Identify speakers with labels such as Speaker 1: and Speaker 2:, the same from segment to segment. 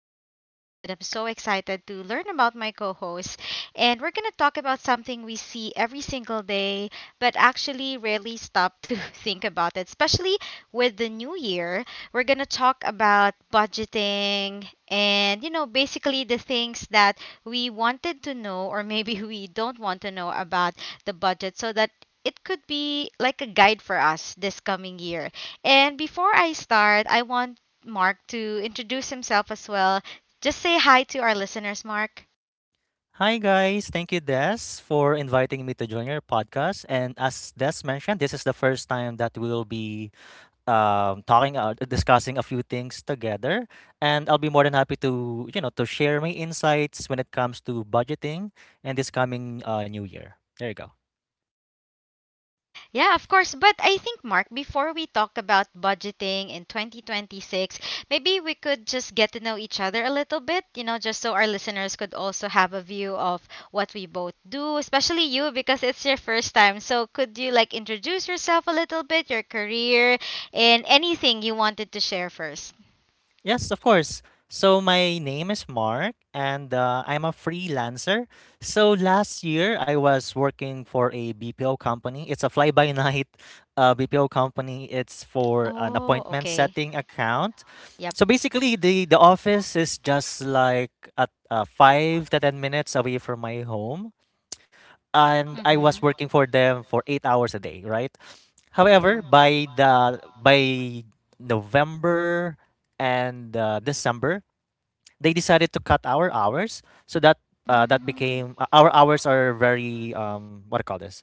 Speaker 1: for our podcast, and I'm so excited to learn about my co host. And we're going to talk about something we see every single day, but actually rarely stop to think about it, especially with the new year. We're going to talk about budgeting and, you know, basically the things that we wanted to know, or maybe we don't want to know about the budget so that it could be like a guide for us this coming year. And before I start, I want Mark to introduce himself as well. Just say hi to our listeners, Mark.
Speaker 2: Hi guys, thank you Des for inviting me to join your podcast. And as Des mentioned, this is the first time that we'll be talking discussing a few things together. And I'll be more than happy to to share my insights when it comes to budgeting and this coming new year. There you go.
Speaker 1: Yeah, of course. But I think, Mark, before we talk about budgeting in 2026, maybe we could just get to know each other a little bit, you know, just so our listeners could also have a view of what we both do, especially you, because it's your first time. So could you like introduce yourself a little bit, your career, and anything you wanted to share first?
Speaker 2: Yes, of course. So my name is Mark, and I'm a freelancer. So last year I was working for a BPO company. It's a fly-by-night BPO company. It's for an
Speaker 1: Oh,
Speaker 2: appointment
Speaker 1: okay.
Speaker 2: setting account.
Speaker 1: Yep.
Speaker 2: So basically, the office is just like at five to ten minutes away from my home, and I was
Speaker 1: Mm-hmm.
Speaker 2: working for them for eight hours a day, right? However,
Speaker 1: Mm-hmm.
Speaker 2: by November and December, they decided to cut our hours, so that that
Speaker 1: mm
Speaker 2: became our hours are very what do you call this?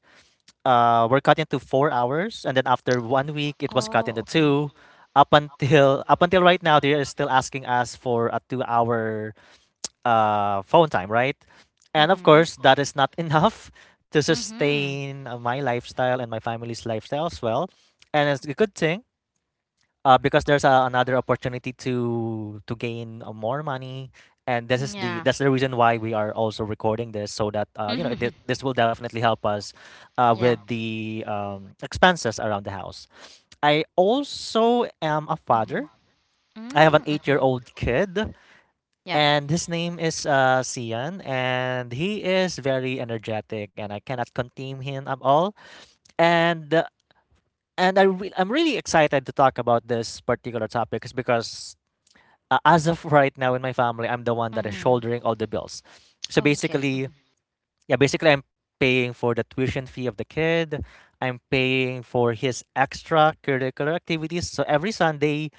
Speaker 2: Were cut into four hours, and then after one week, it was cut
Speaker 1: Oh,
Speaker 2: into
Speaker 1: okay.
Speaker 2: two. Up until right now, they are still asking us for a two-hour phone time, right? And of
Speaker 1: Mm-hmm.
Speaker 2: course, that is not enough to
Speaker 1: Mm-hmm.
Speaker 2: sustain my lifestyle and my family's lifestyle as well. And it's a good thing because another opportunity to gain more money. And this is the
Speaker 1: Yeah.
Speaker 2: that's the reason why we are also recording this so that you know this will definitely help us
Speaker 1: yeah.
Speaker 2: with the expenses around the house. I also am a
Speaker 1: Mm-hmm.
Speaker 2: father. I have an
Speaker 1: Mm,
Speaker 2: 8-year
Speaker 1: mhm.
Speaker 2: old kid.
Speaker 1: Yeah.
Speaker 2: And his name is Sian, and he is very energetic, and I cannot contain him at all. And I'm really excited to talk about this particular topic is because as of right now in my family, I'm the one that is
Speaker 1: Mm-hmm.
Speaker 2: shouldering all the bills. So
Speaker 1: Oh, okay.
Speaker 2: basically, yeah, basically I'm paying for the tuition fee of the kid. I'm paying for his extracurricular activities. So every Sunday,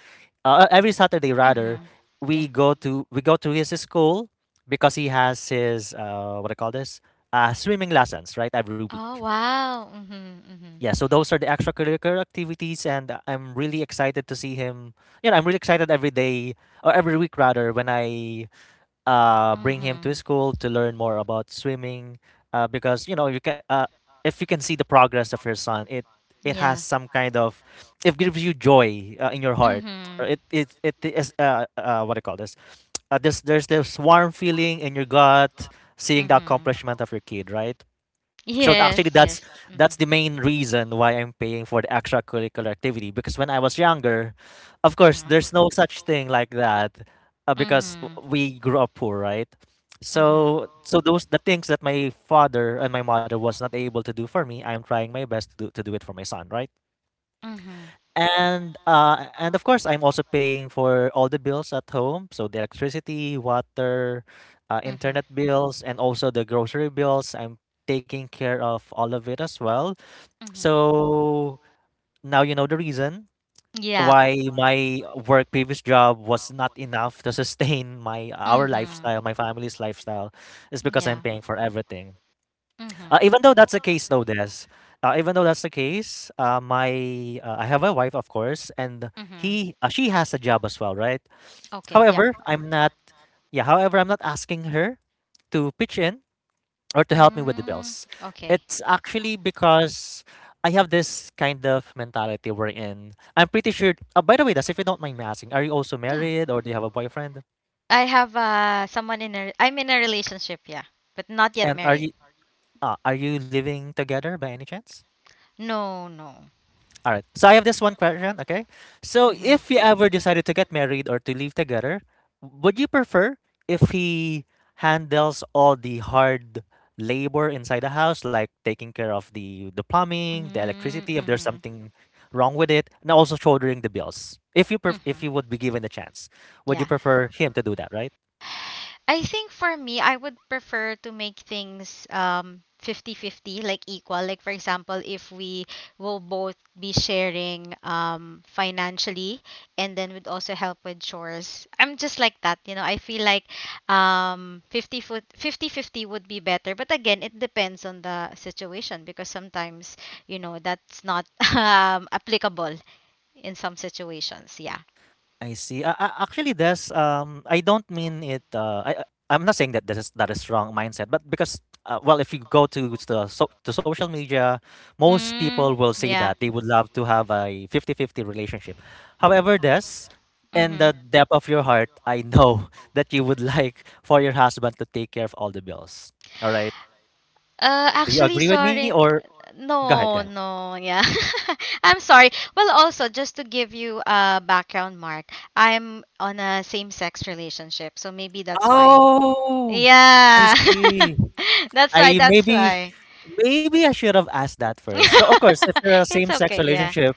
Speaker 2: uh, every Saturday rather,
Speaker 1: Mm-hmm. Yeah.
Speaker 2: we go to his school because he has his what I call this swimming lessons right every week.
Speaker 1: Oh, wow. Mm-hmm. Mm-hmm.
Speaker 2: Yeah, so those are the extracurricular activities, and I'm really excited to see him. You know, I'm really excited every day or every week rather when I bring him to
Speaker 1: Mm-hmm.
Speaker 2: school to learn more about swimming because you know you can if you can see the progress of your son, it has
Speaker 1: Yeah.
Speaker 2: some kind of, it gives you joy in your heart. Or
Speaker 1: Mm-hmm.
Speaker 2: it is what do you call this there's this warm feeling in your gut, seeing the
Speaker 1: Mm-hmm.
Speaker 2: accomplishment of your kid, right?
Speaker 1: Yes.
Speaker 2: Actually,
Speaker 1: Yes. Mm-hmm.
Speaker 2: that's the main reason why I'm paying for the extracurricular activity, because when I was younger, of course,
Speaker 1: Mm-hmm.
Speaker 2: there's no such thing like that,
Speaker 1: Mm-hmm.
Speaker 2: we grew up poor, right?
Speaker 1: Mm-hmm.
Speaker 2: Those the things that my father and my mother was not able to do for me, I'm trying my best to do it for my son, right?
Speaker 1: Mm-hmm.
Speaker 2: And of course, I'm also paying for all the bills at home, so the electricity, water,
Speaker 1: Mm-hmm.
Speaker 2: internet bills, and also the grocery bills. I'm taking care of all of it as well.
Speaker 1: Mm-hmm.
Speaker 2: So now you know the reason
Speaker 1: Yeah.
Speaker 2: why my work previous job was not enough to sustain my our
Speaker 1: Mm-hmm.
Speaker 2: lifestyle, my family's lifestyle, is because I'm
Speaker 1: Yeah.
Speaker 2: paying for everything.
Speaker 1: Mm-hmm.
Speaker 2: Even though that's the case, though, Des. Even though that's the case, my I have a wife, of course, and
Speaker 1: Mm-hmm.
Speaker 2: he she has a job as well, right?
Speaker 1: Okay. Yeah.
Speaker 2: However, I'm not. Yeah, however, I'm not asking her to pitch in or to help me with the
Speaker 1: Mm,
Speaker 2: bills.
Speaker 1: okay.
Speaker 2: It's actually because I have this kind of mentality we're in. I'm pretty sure. By the way, Des, if you don't mind me asking, are you also
Speaker 1: Yeah.
Speaker 2: married or do you have a boyfriend?
Speaker 1: I have someone in a I'm in a relationship, yeah, but not yet
Speaker 2: And
Speaker 1: married.
Speaker 2: are you living together by any chance?
Speaker 1: No, no.
Speaker 2: All right. So I have this one question, okay? So
Speaker 1: Mm-hmm.
Speaker 2: if you ever decided to get married or to live together, would you prefer if he handles all the hard labor inside the house, like taking care of the plumbing, the electricity, if there's
Speaker 1: Mm-hmm.
Speaker 2: something wrong with it, and also shouldering the bills?
Speaker 1: hmm
Speaker 2: If you would be given the chance, would you
Speaker 1: Yeah.
Speaker 2: prefer him to do that, right?
Speaker 1: I think for me, I would prefer to make things fifty fifty, like equal. Like for example, if we will both be sharing financially and then would also help with chores. I'm just like that, you know. I feel like 50 foot fifty fifty would be better. But again, it depends on the situation because sometimes, you know, that's not applicable in some situations. Yeah.
Speaker 2: I see. Actually, there's I don't mean it. I'm not saying that that is wrong mindset, but because well, if you go to to social media, most people
Speaker 1: Mm,
Speaker 2: will say
Speaker 1: yeah.
Speaker 2: that they would love to have a 50-50 relationship. However, this in the
Speaker 1: Mm-hmm.
Speaker 2: depth of your heart, I know that you would like for your husband to take care of all the bills. All right. Do you
Speaker 1: Actually,
Speaker 2: agree with me,
Speaker 1: sorry.
Speaker 2: or go ahead, go
Speaker 1: No,
Speaker 2: ahead.
Speaker 1: no, yeah. I'm sorry. Well, also, just to give you a background, Mark, I'm on a same-sex relationship, so maybe that's why.
Speaker 2: Oh, I
Speaker 1: Yeah.
Speaker 2: see.
Speaker 1: That's why,
Speaker 2: I
Speaker 1: that's
Speaker 2: maybe
Speaker 1: why.
Speaker 2: Maybe I should have asked that first. So of course, if you're a
Speaker 1: It's
Speaker 2: same-sex
Speaker 1: okay, yeah.
Speaker 2: relationship,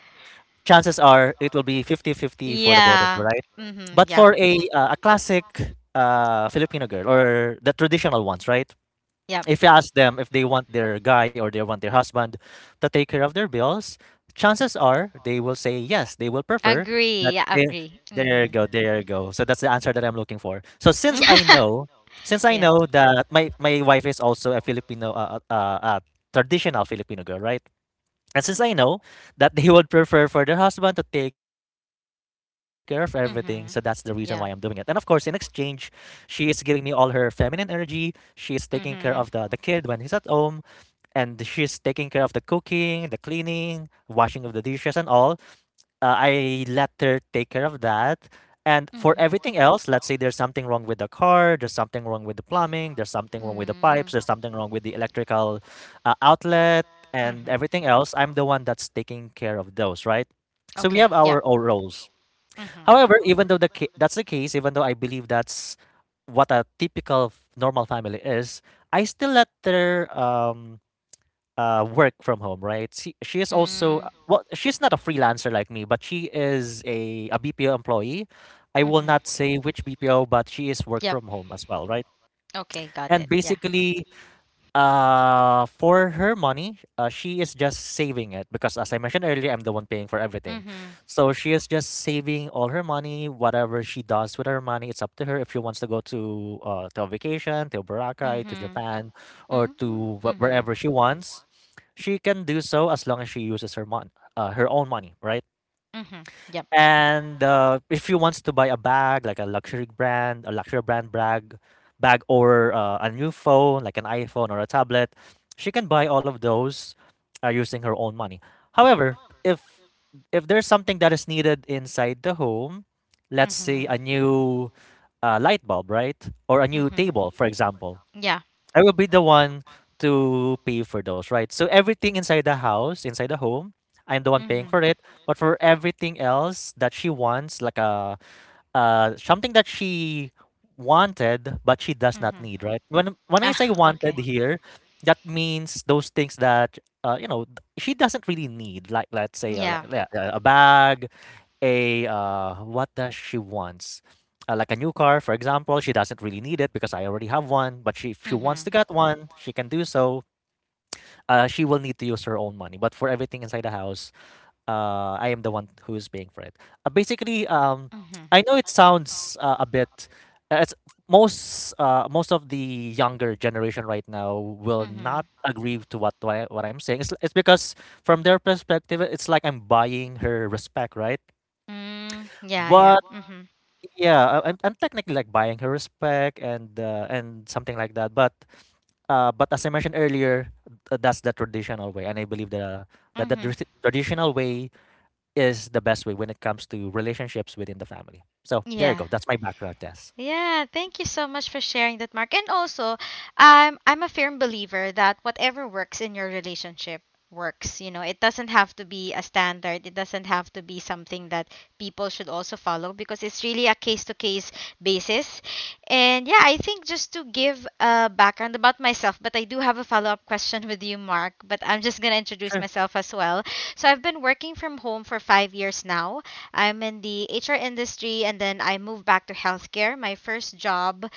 Speaker 2: chances are it will be 50-50 for the both of you,
Speaker 1: Yeah.
Speaker 2: right?
Speaker 1: Mm-hmm.
Speaker 2: But
Speaker 1: Yep.
Speaker 2: for a classic Filipino girl or the traditional ones, right?
Speaker 1: Yep.
Speaker 2: If you ask them if they want their guy or they want their husband to take care of their bills, chances are they will say yes. They will prefer
Speaker 1: Agree.
Speaker 2: that.
Speaker 1: Yeah,
Speaker 2: They,
Speaker 1: agree.
Speaker 2: there you
Speaker 1: Mm-hmm.
Speaker 2: go. There you go. So that's the answer that I'm looking for. Since I
Speaker 1: Yeah.
Speaker 2: know that my wife is also a Filipino, traditional Filipino girl, right? And since I know that they would prefer for their husband to take care of everything, so that's the reason why I'm doing it. And
Speaker 1: Mm-hmm.
Speaker 2: of course, in
Speaker 1: Yeah.
Speaker 2: exchange, she is giving me all her feminine energy. She is taking care of
Speaker 1: Mm-hmm.
Speaker 2: the kid when he's at home, and she's taking care of the cooking, the cleaning, washing of the dishes, and all I let her take care of that. And for
Speaker 1: Mm-hmm.
Speaker 2: everything else, let's say there's something wrong with the car, there's something wrong with the plumbing, there's something wrong with the
Speaker 1: Mm-hmm.
Speaker 2: pipes, there's something wrong with the electrical outlet, and
Speaker 1: Mm-hmm.
Speaker 2: everything else, I'm the one that's taking care of those, right? So we
Speaker 1: Okay.
Speaker 2: have
Speaker 1: Yep.
Speaker 2: our own roles.
Speaker 1: Mm-hmm.
Speaker 2: However, even though that's the case, even though I believe that's what a typical normal family is, I still let her work from home, right? She is also
Speaker 1: Mm-hmm.
Speaker 2: well, she's not a freelancer like me, but she is a BPO employee. I will
Speaker 1: mm-hmm.
Speaker 2: not say which BPO, but she is work
Speaker 1: Yep.
Speaker 2: from home as well, right?
Speaker 1: Okay. Got
Speaker 2: And
Speaker 1: it. Yeah.
Speaker 2: basically for her money, she is just saving it because, as I mentioned earlier, I'm the one paying for everything.
Speaker 1: Mm-hmm.
Speaker 2: So she is just saving all her money. Whatever she does with her money, it's up to her. If she wants to go to a vacation, to Boracay, to
Speaker 1: Mm-hmm.
Speaker 2: Japan, or
Speaker 1: Mm-hmm.
Speaker 2: to
Speaker 1: Mm-hmm.
Speaker 2: wherever she wants, she can do so as long as she uses her own money, right?
Speaker 1: Mm-hmm. Yep.
Speaker 2: And if you wants to buy a bag, like a luxury brand bag, or a new phone, like an iPhone or a tablet, she can buy all of those using her own money. However, if if there's something that is needed inside the home, let's say
Speaker 1: Mm-hmm.
Speaker 2: a new light bulb, right, or a new
Speaker 1: Mm-hmm.
Speaker 2: table, for example,
Speaker 1: Yeah.
Speaker 2: I will be the one to pay for those, right? So everything inside the house, inside the home, I'm the one paying
Speaker 1: Mm-hmm.
Speaker 2: for it. But for everything else that she wants, like a something that she wanted but she does not
Speaker 1: Mm-hmm.
Speaker 2: need, right? When I
Speaker 1: Ah,
Speaker 2: say
Speaker 1: okay.
Speaker 2: wanted here, that means those things that you know she doesn't really need, like let's say
Speaker 1: Yeah.
Speaker 2: a bag a what does she wants? Like a new car, for example, she doesn't really need it because I already have one. But she, if she wants
Speaker 1: Mm-hmm.
Speaker 2: to get one, she can do so. She will need to use her own money. But for everything inside the house, I am the one who is paying for it. Uh, basically, um,
Speaker 1: Mm-hmm.
Speaker 2: I know it sounds a bit. It's most of the younger generation right now will not
Speaker 1: Mm-hmm.
Speaker 2: agree to what I'm saying. It's because from their perspective, it's like I'm buying her respect, right?
Speaker 1: Mm, yeah, yeah.
Speaker 2: But
Speaker 1: Mm-hmm.
Speaker 2: yeah, I'm technically like buying her respect and something like that. But as I mentioned earlier, that's the traditional way, and I believe the that the
Speaker 1: Mm-hmm.
Speaker 2: tr- traditional way is the best way when it comes to relationships within the family. So there you
Speaker 1: Yeah.
Speaker 2: go. That's my background test.
Speaker 1: Yeah, thank you so much for sharing that, Mark. And also, I'm a firm believer that whatever works in your relationship works. You know, it doesn't have to be a standard. It doesn't have to be something that people should also follow because it's really a case-to-case basis. And yeah, I think just to give a background about myself, but I do have a follow-up question with you, Mark, but I'm just going to introduce
Speaker 2: Sure.
Speaker 1: myself as well. So I've been working from home for 5 years now. I'm in the HR industry and then I moved back to healthcare. My first job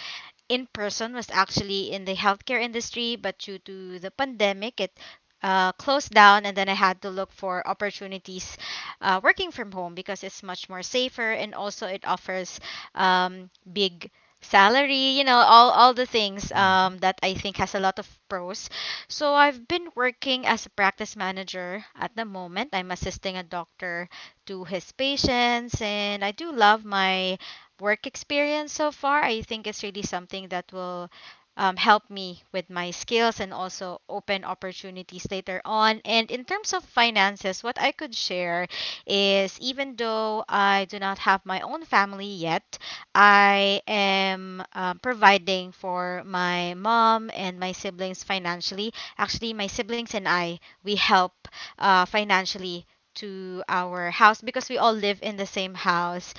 Speaker 1: in person was actually in the healthcare industry, but due to the pandemic, it closed down, and then I had to look for opportunities working from home because it's much more safer and also it offers big salary, you know, all the things
Speaker 2: Mhm.
Speaker 1: that I think has a lot of pros. So I've been working as a practice manager at the moment. I'm assisting a doctor to his patients, and I do love my work experience so far. I think it's really something that will help me with my skills and also open opportunities later on. And in terms of finances, what I could share is even though I do not have my own family yet, I am providing for my mom and my siblings financially. Actually, my siblings and I, we help financially to our house because we all live in the same house,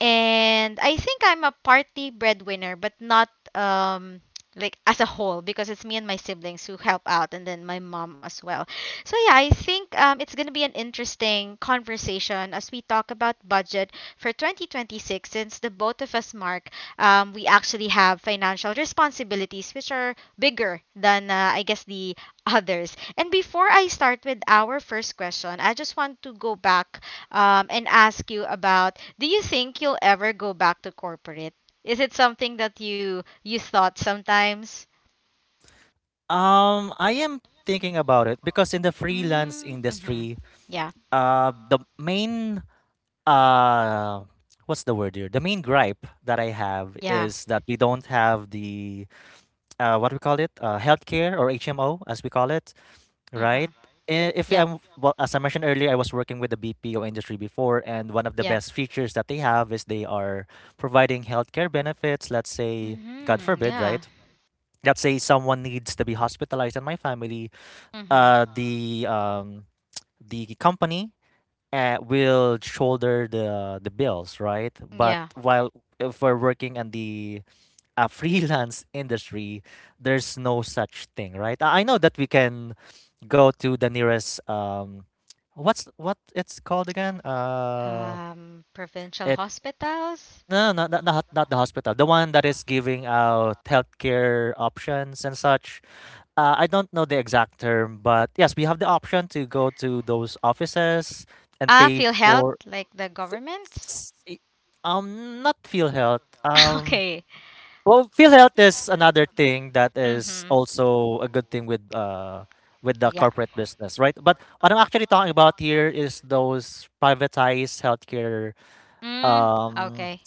Speaker 1: and I think I'm a party breadwinner, but not um like as a whole, because it's me and my siblings who help out and then my mom as well. So yeah, I think it's going to be an interesting conversation as we talk about budget for 2026, since the both of us, Mark, we actually have financial responsibilities which are bigger than I guess the others. And before I start with our first question, I just want to go back and ask you about, do you think you'll ever go back to corporate? Is it something that you thought sometimes?
Speaker 2: I am thinking about it because in the freelance
Speaker 1: Mm-hmm.
Speaker 2: industry,
Speaker 1: Yeah.
Speaker 2: the main uh, what's the word here? The main gripe that I have
Speaker 1: Yeah.
Speaker 2: is that we don't have the what we call it, healthcare or HMO as we call it, right?
Speaker 1: Mm-hmm.
Speaker 2: I- If
Speaker 1: Yep.
Speaker 2: I'm well, As I mentioned earlier, I was working with the BPO industry before, and one of the
Speaker 1: Yeah.
Speaker 2: best features that they have is they are providing healthcare benefits. Let's say, God
Speaker 1: Mm-hmm.
Speaker 2: forbid,
Speaker 1: Yeah.
Speaker 2: right? Let's say someone needs to be hospitalized in my family.
Speaker 1: Mm-hmm.
Speaker 2: Uh, the um, the company will shoulder the bills, right? But
Speaker 1: Yeah.
Speaker 2: while if we're working on the a freelance industry, there's no such thing, right? I know that we can go to the nearest what it's called again?
Speaker 1: Provincial
Speaker 2: It
Speaker 1: hospitals.
Speaker 2: No, no, not the hospital, the one that is giving out healthcare options and such. I don't know the exact term, but yes, we have the option to go to those offices and
Speaker 1: Ah,
Speaker 2: pay
Speaker 1: feel health
Speaker 2: for
Speaker 1: like the governments.
Speaker 2: s- i- not feel health
Speaker 1: Okay.
Speaker 2: well, field health is another thing that is
Speaker 1: Mm-hmm.
Speaker 2: also a good thing with the
Speaker 1: Yeah.
Speaker 2: corporate business, right? But what I'm actually talking about here is those privatized healthcare.
Speaker 1: Mm,
Speaker 2: Um,
Speaker 1: okay.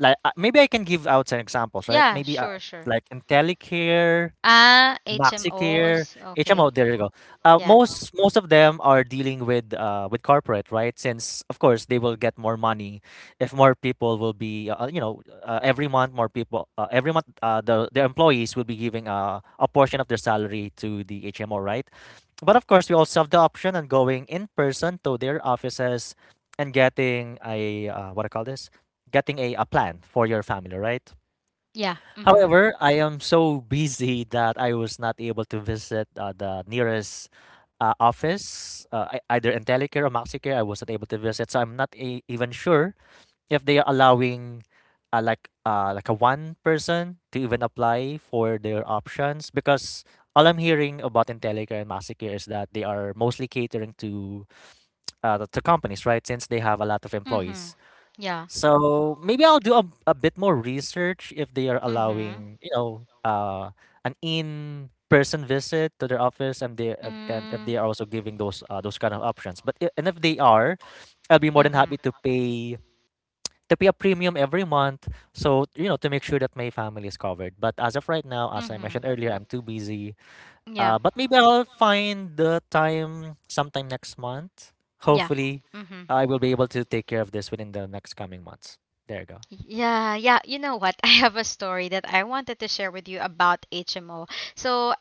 Speaker 2: like maybe I can give out some examples, right?
Speaker 1: Yeah,
Speaker 2: Maybe
Speaker 1: sure, sure.
Speaker 2: like IntelliCare,
Speaker 1: Ah,
Speaker 2: MaxiCare,
Speaker 1: HMOs. Okay.
Speaker 2: HMO, there you go. Uh,
Speaker 1: Yeah.
Speaker 2: most most of them are dealing with corporate, right? Since of course they will get more money if more people will be, you know, every month more people, every month the employees will be giving a portion of their salary to the HMO, right? But of course, we also have the option on going in person to their offices and getting a what I call this, getting a plan for your family, right?
Speaker 1: Yeah. Mm-hmm.
Speaker 2: However, I am so busy that I was not able to visit the nearest office, either Entelecare or Maxicare. I was not able to visit, so I'm not even sure if they are allowing like a one person to even apply for their options because all I'm hearing about Entelecare and Maxicare is that they are mostly catering to companies, right? Since they have a lot of
Speaker 1: Mhm.
Speaker 2: employees.
Speaker 1: Yeah.
Speaker 2: So maybe I'll do a bit more research if they are
Speaker 1: Mhm.
Speaker 2: allowing, an in-person visit to their office, and if
Speaker 1: Mm,
Speaker 2: they are also giving those kind of options. But I- and if they are, I'll be more than
Speaker 1: Mhm.
Speaker 2: happy to pay a premium every month, so to make sure that my family is covered. But as of right now, as I
Speaker 1: Mhm.
Speaker 2: mentioned earlier, I'm too busy.
Speaker 1: Yeah.
Speaker 2: But maybe I'll find the time sometime next month.
Speaker 1: Yeah.
Speaker 2: Hopefully,
Speaker 1: Mhm.
Speaker 2: I will be able to take care of this within the next coming months. There you go.
Speaker 1: Yeah, yeah. You know what? I have a story that I wanted to share with you about HMO. So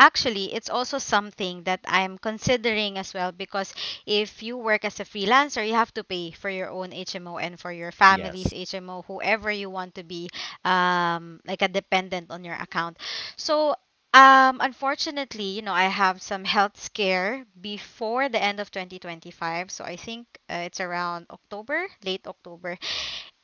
Speaker 1: actually, it's also something that I'm considering as well, because if you work as a freelancer, you have to pay for your own HMO and for your family's
Speaker 2: Yes.
Speaker 1: HMO, whoever you want to be like a dependent on your account. So, unfortunately, you know, I have some health scare before the end of 2025. So I think it's around October, late October.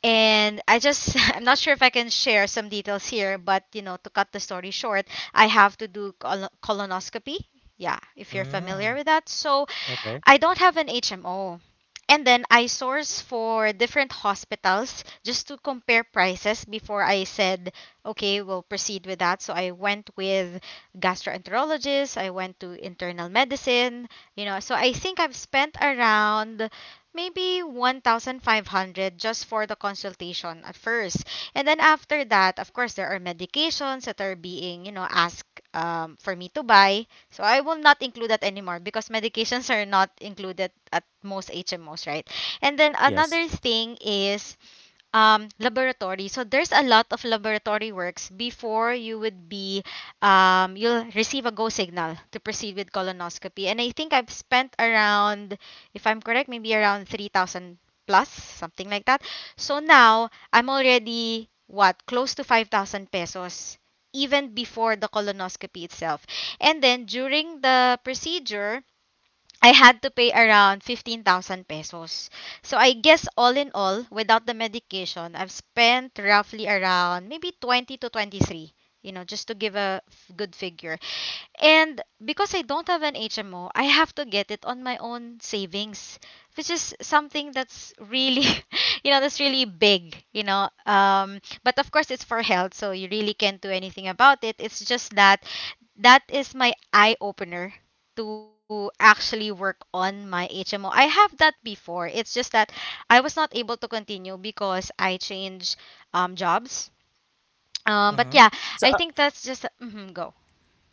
Speaker 1: And I just, I'm not sure if I can share some details here, but you know, to cut the story short, I have to do colonoscopy. Yeah, if you're familiar
Speaker 2: Mm,
Speaker 1: with that. So,
Speaker 2: okay.
Speaker 1: I don't have an HMO. And then I source for different hospitals just to compare prices before I said, okay, we'll proceed with that. So I went with gastroenterologists, I went to internal medicine, you know. So I think I've spent around maybe 1,500 just for the consultation at first. And then after that, of course, there are medications that are being, you know, asked for me to buy, so I will not include that anymore because medications are not included at most HMOs, right? And then
Speaker 2: Yes.
Speaker 1: another thing is laboratory. So there's a lot of laboratory works before you would be you'll receive a go signal to proceed with colonoscopy, and I think I've spent around, if I'm correct, maybe around 3,000 plus, something like that. So now I'm already, what, close to 5,000 pesos even before the colonoscopy itself. And then during the procedure I had to pay around 15,000 pesos. So I guess all in all, without the medication, I've spent roughly around maybe 20 to 23, you know, just to give a good figure. And because I don't have an HMO, I have to get it on my own savings, which is something that's really, you know, that's really big, you know. But of course, it's for health, so you really can't do anything about it. It's just that that is my eye opener to actually work on my HMO. I have that before. It's just that I was not able to continue because I changed jobs. But
Speaker 2: Mhm.
Speaker 1: yeah,
Speaker 2: So,
Speaker 1: I
Speaker 2: uh,
Speaker 1: think that's just go.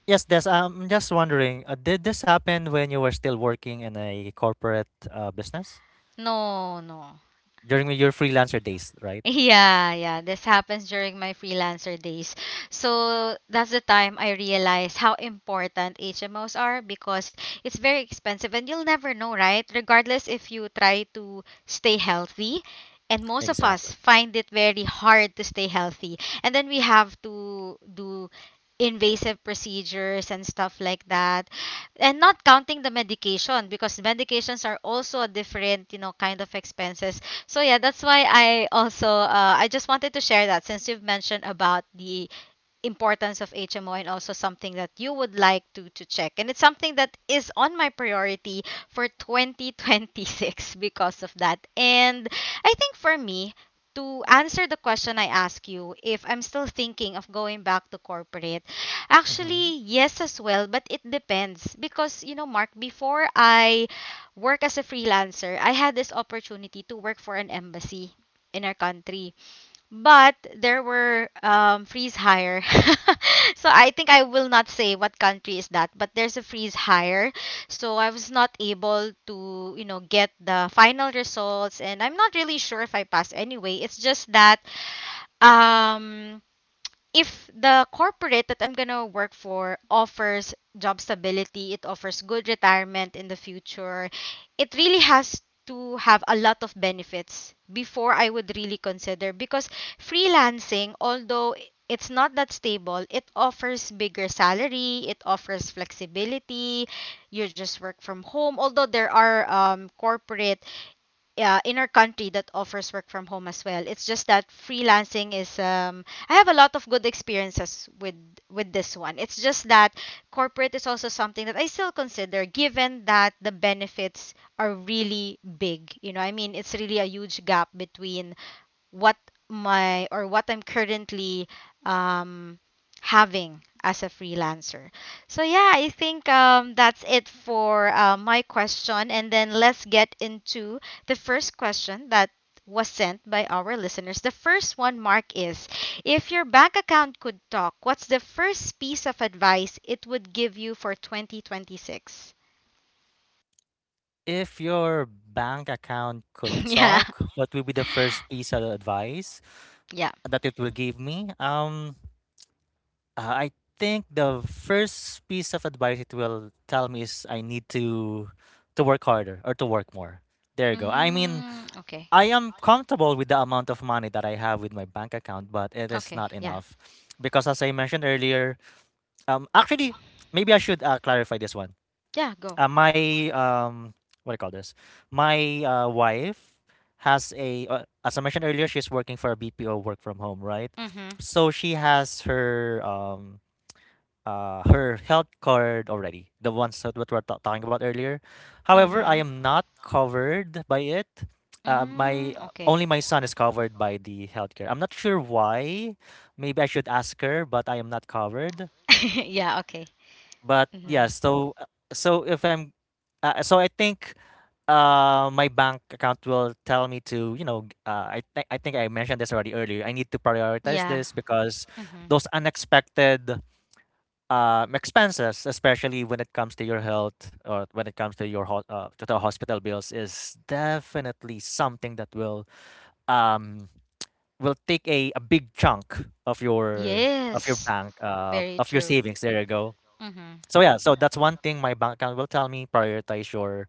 Speaker 2: yes, Des, I'm just wondering, did this happen when you were still working in a corporate business?
Speaker 1: No, no.
Speaker 2: During your freelancer days, right?
Speaker 1: Yeah, yeah, this happens during my freelancer days. So that's the time I realized how important HMOs are, because it's very expensive and you'll never know, right? Regardless if you try to stay healthy. And most of us
Speaker 2: Exactly.
Speaker 1: find it very hard to stay healthy. And then we have to do invasive procedures and stuff like that, and not counting the medication, because medications are also a different, you know, kind of expenses. So yeah, that's why I also I just wanted to share that, since you've mentioned about the importance of HMO and also something that you would like to check. And it's something that is on my priority for 2026 because of that. And I think for me, to answer the question I ask you, if I'm still thinking of going back to corporate,
Speaker 2: Mhm.
Speaker 1: actually, yes as well, but it depends. Because, you know, Mark, before I work as a freelancer, I had this opportunity to work for an embassy in our country, but there were freeze higher. So I think I will not say what country is that, but there's a freeze higher. So I was not able to, you know, get the final results, and I'm not really sure if I passed anyway. It's just that um if the corporate that I'm gonna work for offers job stability, it offers good retirement in the future, it really has to have a lot of benefits before I would really consider. Because freelancing, although it's not that stable, it offers bigger salary, it offers flexibility, you just work from home. Although there are corporate, yeah, in our country that offers work from home as well. It's just that freelancing is I have a lot of good experiences with this one. It's just that Corporate is also something that I still consider given that the benefits are really big. You know, I mean, it's really a huge gap between what my or what I'm currently um, having as a freelancer. So yeah, I think that's it for my question, and then let's get into the first question that was sent by our listeners. The first one, Mark, is if your bank account could talk, what's the first piece of advice it would give you for 2026?
Speaker 2: If your bank account could
Speaker 1: Yeah,
Speaker 2: talk, what would be the first piece of advice
Speaker 1: yeah.
Speaker 2: that it will give me? Uh, I think the first piece of advice it will tell me is I need to work harder or to work more. There you go. I mean,
Speaker 1: Mm, okay.
Speaker 2: I am comfortable with the amount of money that I have with my bank account, but it is
Speaker 1: Okay,
Speaker 2: not
Speaker 1: yeah,
Speaker 2: enough because, as I mentioned earlier, actually, maybe I should clarify this one.
Speaker 1: yeah, go.
Speaker 2: My What do you call this? My wife has as I mentioned earlier, she's working for a BPO work from home, right?
Speaker 1: Mm-hmm,
Speaker 2: So she has her health card already, the ones that what we're talking about earlier. However, I
Speaker 1: mm-hmm.
Speaker 2: am not covered by it.
Speaker 1: Mm,
Speaker 2: My only
Speaker 1: okay.
Speaker 2: my son is covered by the healthcare. I'm not sure why. Maybe I should ask her, but I am not covered.
Speaker 1: Yeah, okay.
Speaker 2: But yeah,
Speaker 1: hmm
Speaker 2: so so if I'm, so I think my bank account will tell me to I think I mentioned this already earlier. I need to prioritize
Speaker 1: Yeah.
Speaker 2: this because
Speaker 1: hmm
Speaker 2: those unexpected expenses, especially when it comes to your health or when it comes to to the hospital bills, is definitely something that um will take a big chunk of your
Speaker 1: Yes,
Speaker 2: bank
Speaker 1: very
Speaker 2: of your
Speaker 1: true.
Speaker 2: savings. There you go.
Speaker 1: hmm
Speaker 2: So yeah, so that's one thing my bank account will tell me prioritize your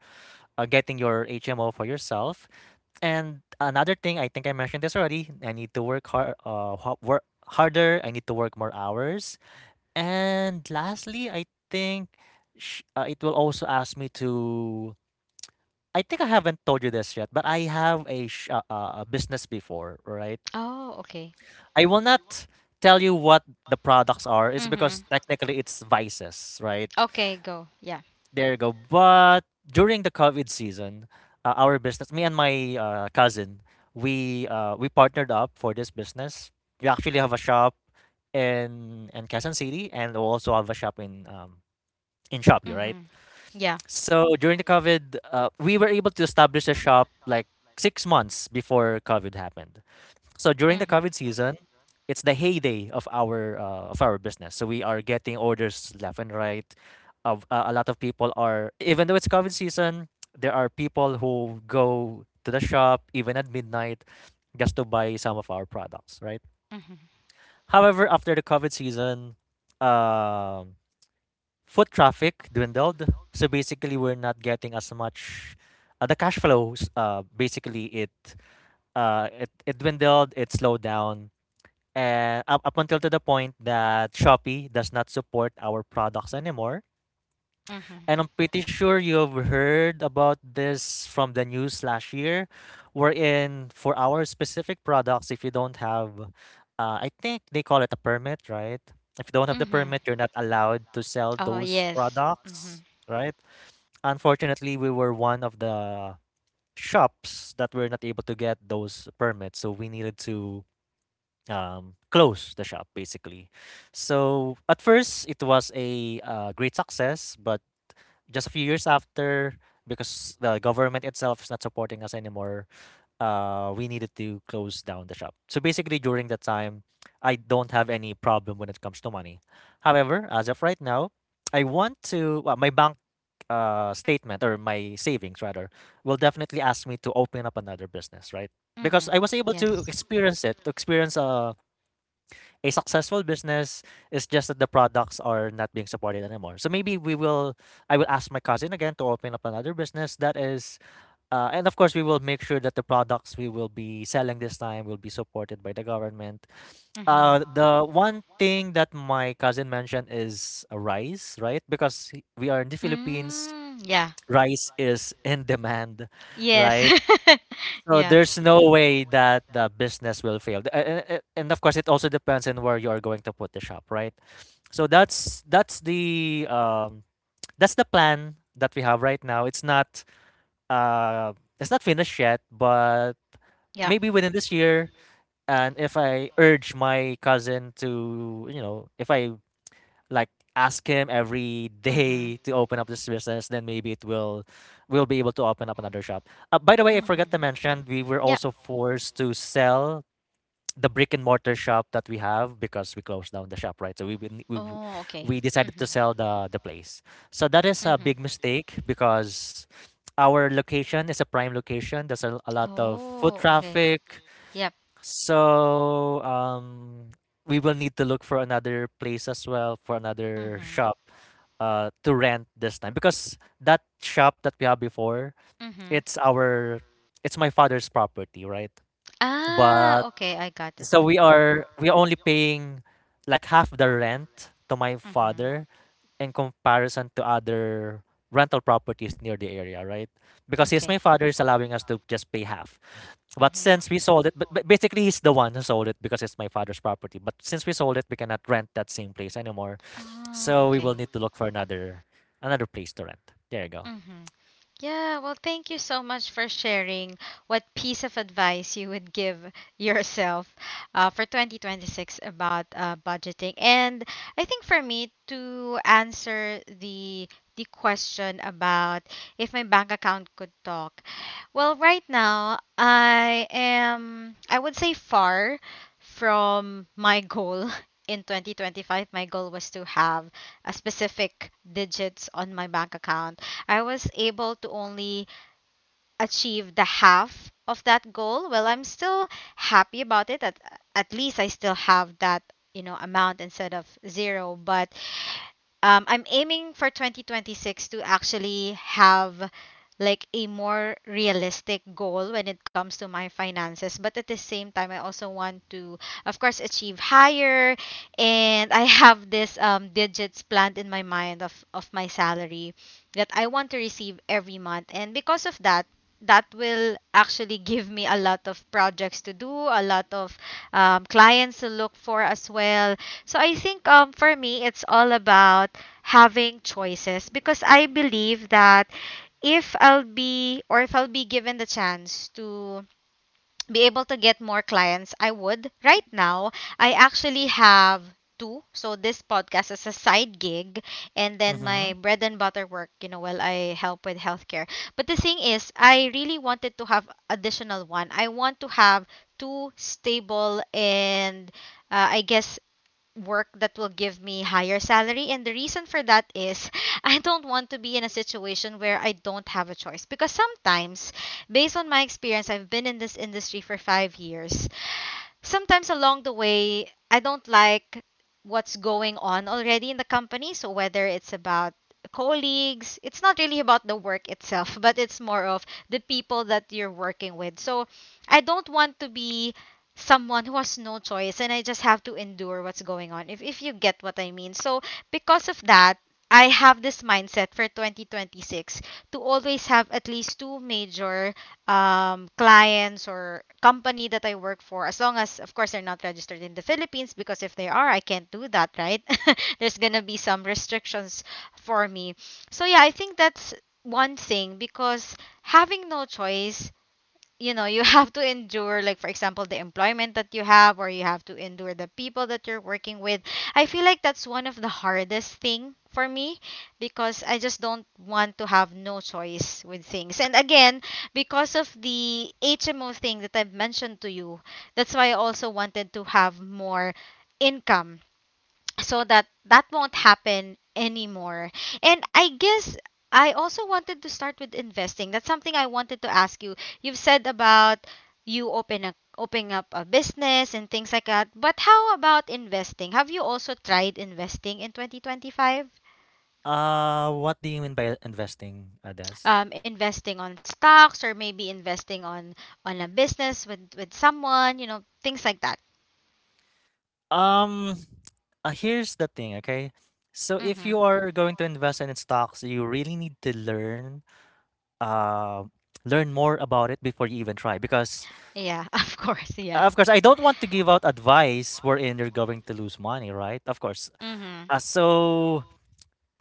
Speaker 2: getting your HMO for yourself. And another thing, I think I mentioned this already. I need to work harder. I need to work more hours, and lastly, I think it will also ask me to. I think I haven't told you this yet, but I have a business before, right?
Speaker 1: Oh, okay.
Speaker 2: I will not tell you what the products are. It's because
Speaker 1: hmm
Speaker 2: technically it's vices, right?
Speaker 1: Okay, go. Yeah.
Speaker 2: There you go. But during the COVID season, our business, me and my cousin, we partnered up for this business. We actually have a shop in Quezon City, and we also have a shop in Shopee, right?
Speaker 1: hmm Yeah.
Speaker 2: So during the COVID, we were able to establish the shop like 6 months before COVID happened. So during the
Speaker 1: hmm
Speaker 2: COVID season, it's the heyday of our business. So we are getting orders left and right. Of a lot of people are Even though it's COVID season, there are people who go to the shop even at midnight just to buy some of our products, right?
Speaker 1: hmm
Speaker 2: However, after the COVID season, um foot traffic dwindled. So basically, we're not getting as much. The cash flows, basically, it dwindled, it slowed down, and up until to the point that Shopee does not support our products anymore.
Speaker 1: hmm
Speaker 2: And I'm pretty sure you've heard about this from the news last year, wherein for our specific products, if you don't have, I think they call it a permit, right? If you don't have the
Speaker 1: hmm
Speaker 2: permit, you're not allowed to sell
Speaker 1: Oh,
Speaker 2: those
Speaker 1: yes.
Speaker 2: products, right? Unfortunately, we were one of the shops that were not able to get those permits, so we needed to close the shop basically. So at first, it was a great success, but just a few years after, because the government itself is not supporting us anymore, we needed to close down the shop. So basically, during that time, I don't have any problem when it comes to money. However, as of right now, I want to well, my bank statement or my savings rather will definitely ask me to open up another business, right? Because
Speaker 1: Hmm
Speaker 2: I was able to
Speaker 1: Yes.
Speaker 2: experience it, to experience a successful business. Is just that the products are not being supported anymore. So maybe I will ask my cousin again to open up another business and of course, we will make sure that the products we will be selling this time will be supported by the government.
Speaker 1: hmm
Speaker 2: The one thing that my cousin mentioned is rice, right? Because we are in the Philippines,
Speaker 1: Mm, yeah.
Speaker 2: rice is in demand,
Speaker 1: Yes.
Speaker 2: right? So
Speaker 1: Yeah.
Speaker 2: there's no way that the business will fail. And of course, it also depends on where you are going to put the shop, right? So that's the plan that we have right now. Uh, it's not finished yet, but
Speaker 1: Yeah.
Speaker 2: maybe within this year. And if I urge my cousin to, if I like ask him every
Speaker 1: hmm
Speaker 2: day to open up this business, then maybe it will we'll be able to open up another shop. By the way, I
Speaker 1: hmm
Speaker 2: forgot to mention we were
Speaker 1: Yeah.
Speaker 2: also forced to sell the brick and mortar shop that we have because we closed down the shop, right? so we we, we,
Speaker 1: Oh, okay.
Speaker 2: we decided
Speaker 1: hmm
Speaker 2: to sell the place, so that is a big mistake because our location is a prime location. There's a lot of foot
Speaker 1: Oh, okay.
Speaker 2: traffic,
Speaker 1: Yep.
Speaker 2: so, we will need to look for another place as well for another
Speaker 1: hmm
Speaker 2: shop to rent this time because that shop that we have before,
Speaker 1: hmm
Speaker 2: it's our it's my father's property, right?
Speaker 1: Ah,
Speaker 2: But
Speaker 1: okay. I got it.
Speaker 2: so we are we are only paying like half the rent to my
Speaker 1: Mhm.
Speaker 2: father in comparison to other rental properties near the area, right? Because he's my
Speaker 1: Okay.
Speaker 2: father is allowing us to just pay half. But
Speaker 1: Mhm.
Speaker 2: since we sold it, but basically he's the one who sold it because it's my father's property. But since we sold it, we cannot rent that same place anymore.
Speaker 1: Ah,
Speaker 2: So we will
Speaker 1: okay.
Speaker 2: need to look for another place to rent. There you go.
Speaker 1: Mhm. Yeah, well, thank you so much for sharing what piece of advice you would give yourself for 2026 about budgeting. And I think for me to answer the question about if my bank account could talk. Well, right now I would say far from my goal in 2025. My goal was to have a specific digits on my bank account. I was able to only achieve the half of that goal. Well, I'm still happy about it. At least I still have that, you know, amount instead of zero. But I'm aiming for 2026 to actually have like a more realistic goal when it comes to my finances. But at the same time, I also want to, of course, achieve higher. And I have this digits planned in my mind of my salary that I want to receive every month. And because of that, that will actually give me a lot of projects to do, a lot of clients to look for as well. So I think for me, it's all about having choices because I believe that if I'll be given the chance to be able to get more clients, I would. Right now, I actually have two. So this podcast is a side gig, and then my
Speaker 2: Mm-hmm.
Speaker 1: bread and butter work, you know, while I help with healthcare. But the thing is, I really wanted to have additional one. I want to have two stable and I guess work that will give me higher salary, and the reason for that is I don't want to be in a situation where I don't have a choice, because sometimes based on my experience, I've been in this industry for 5 years. Sometimes along the way, I don't like what's going on already in the company. So whether it's about colleagues, it's not really about the work itself, but it's more of the people that you're working with. So I don't want to be someone who has no choice and I just have to endure what's going on. If you get what I mean. So because of that, I have this mindset for 2026 to always have at least two major clients or company that I work for, as long as, of course, they're not registered in the Philippines, because if they are, I can't do that, right? There's going to be some restrictions for me. So, yeah, I think that's one thing, because having no choice, you know, you have to endure, like for example the employment that you have, or you have to endure the people that you're working with. I feel like that's one of the hardest thing for me, because I just don't want to have no choice with things. And again, because of the HMO thing that I've mentioned to you, that's why I also wanted to have more income so that that won't happen anymore. And I guess I also wanted to start with investing. That's something I wanted to ask you. You've said about you open a opening up a business and things like that. But how about investing? Have you also tried investing in 2025?
Speaker 2: What do you mean by investing, Adas?
Speaker 1: Investing on stocks or maybe investing on a business with someone, you know, things like that.
Speaker 2: Um, Here's the thing, okay? So if you
Speaker 1: Mhm.
Speaker 2: are going to invest in stocks, you really need to learn, uh, learn more about it before you even try. Because
Speaker 1: Yeah, of course, yeah.
Speaker 2: of course, I don't want to give out advice wherein you're going to lose money, right? Of course.
Speaker 1: Mhm.
Speaker 2: Uh, so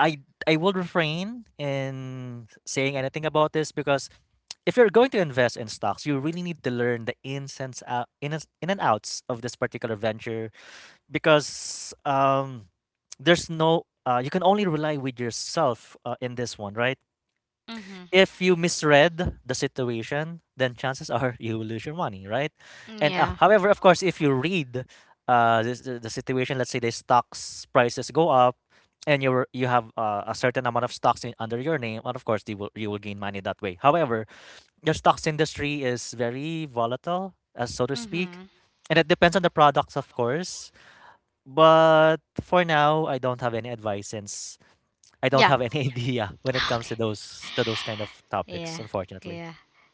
Speaker 2: I I will refrain in saying anything about this because if you're going to invest in stocks, you really need to learn the ins and s- out in and outs of this particular venture because there's no you can only rely with yourself in this one, right?
Speaker 1: Mhm.
Speaker 2: If you misread the situation, then chances are you will lose your money, right? And
Speaker 1: Yeah.
Speaker 2: However, of course, if you read this, the situation, let's say the stocks prices go up, and you have a certain amount of stocks under your name, and of course, you will gain money that way. However, your stocks industry is very volatile, so to speak,
Speaker 1: Mhm.
Speaker 2: and it depends on the products, of course. But for now, I don't have any advice since I don't
Speaker 1: Yeah.
Speaker 2: have any idea when it comes to those kind of topics,
Speaker 1: Yeah,
Speaker 2: unfortunately.
Speaker 1: yeah,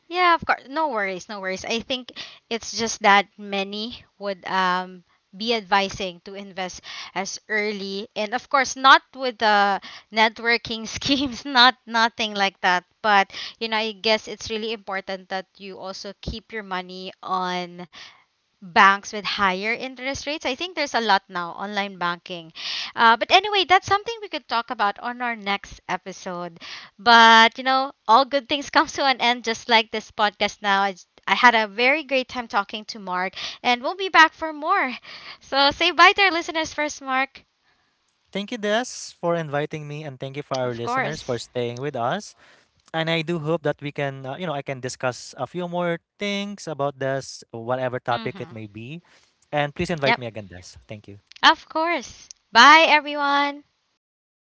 Speaker 1: yeah. Of course, no worries, no worries. I think it's just that many would be advising to invest as early, and of course, not with the networking schemes, not nothing like that. But you know, I guess it's really important that you also keep your money on banks with higher interest rates. I think there's a lot now, online banking. But anyway, that's something we could talk about on our next episode. But, you know, all good things comes to an end, just like this podcast now. I had a very great time talking to Mark, and we'll be back for more. So say bye to our listeners first, Mark.
Speaker 2: Thank you, Des, for inviting me, and thank you for our
Speaker 1: Of
Speaker 2: listeners for
Speaker 1: course.
Speaker 2: staying with us. And I do hope that we can, you know, I can discuss a few more things about this, whatever topic
Speaker 1: hmm
Speaker 2: it may be. And please
Speaker 1: Yep,
Speaker 2: invite me again, Des. Thank you.
Speaker 1: of course. Bye, everyone.
Speaker 2: Bye, bye.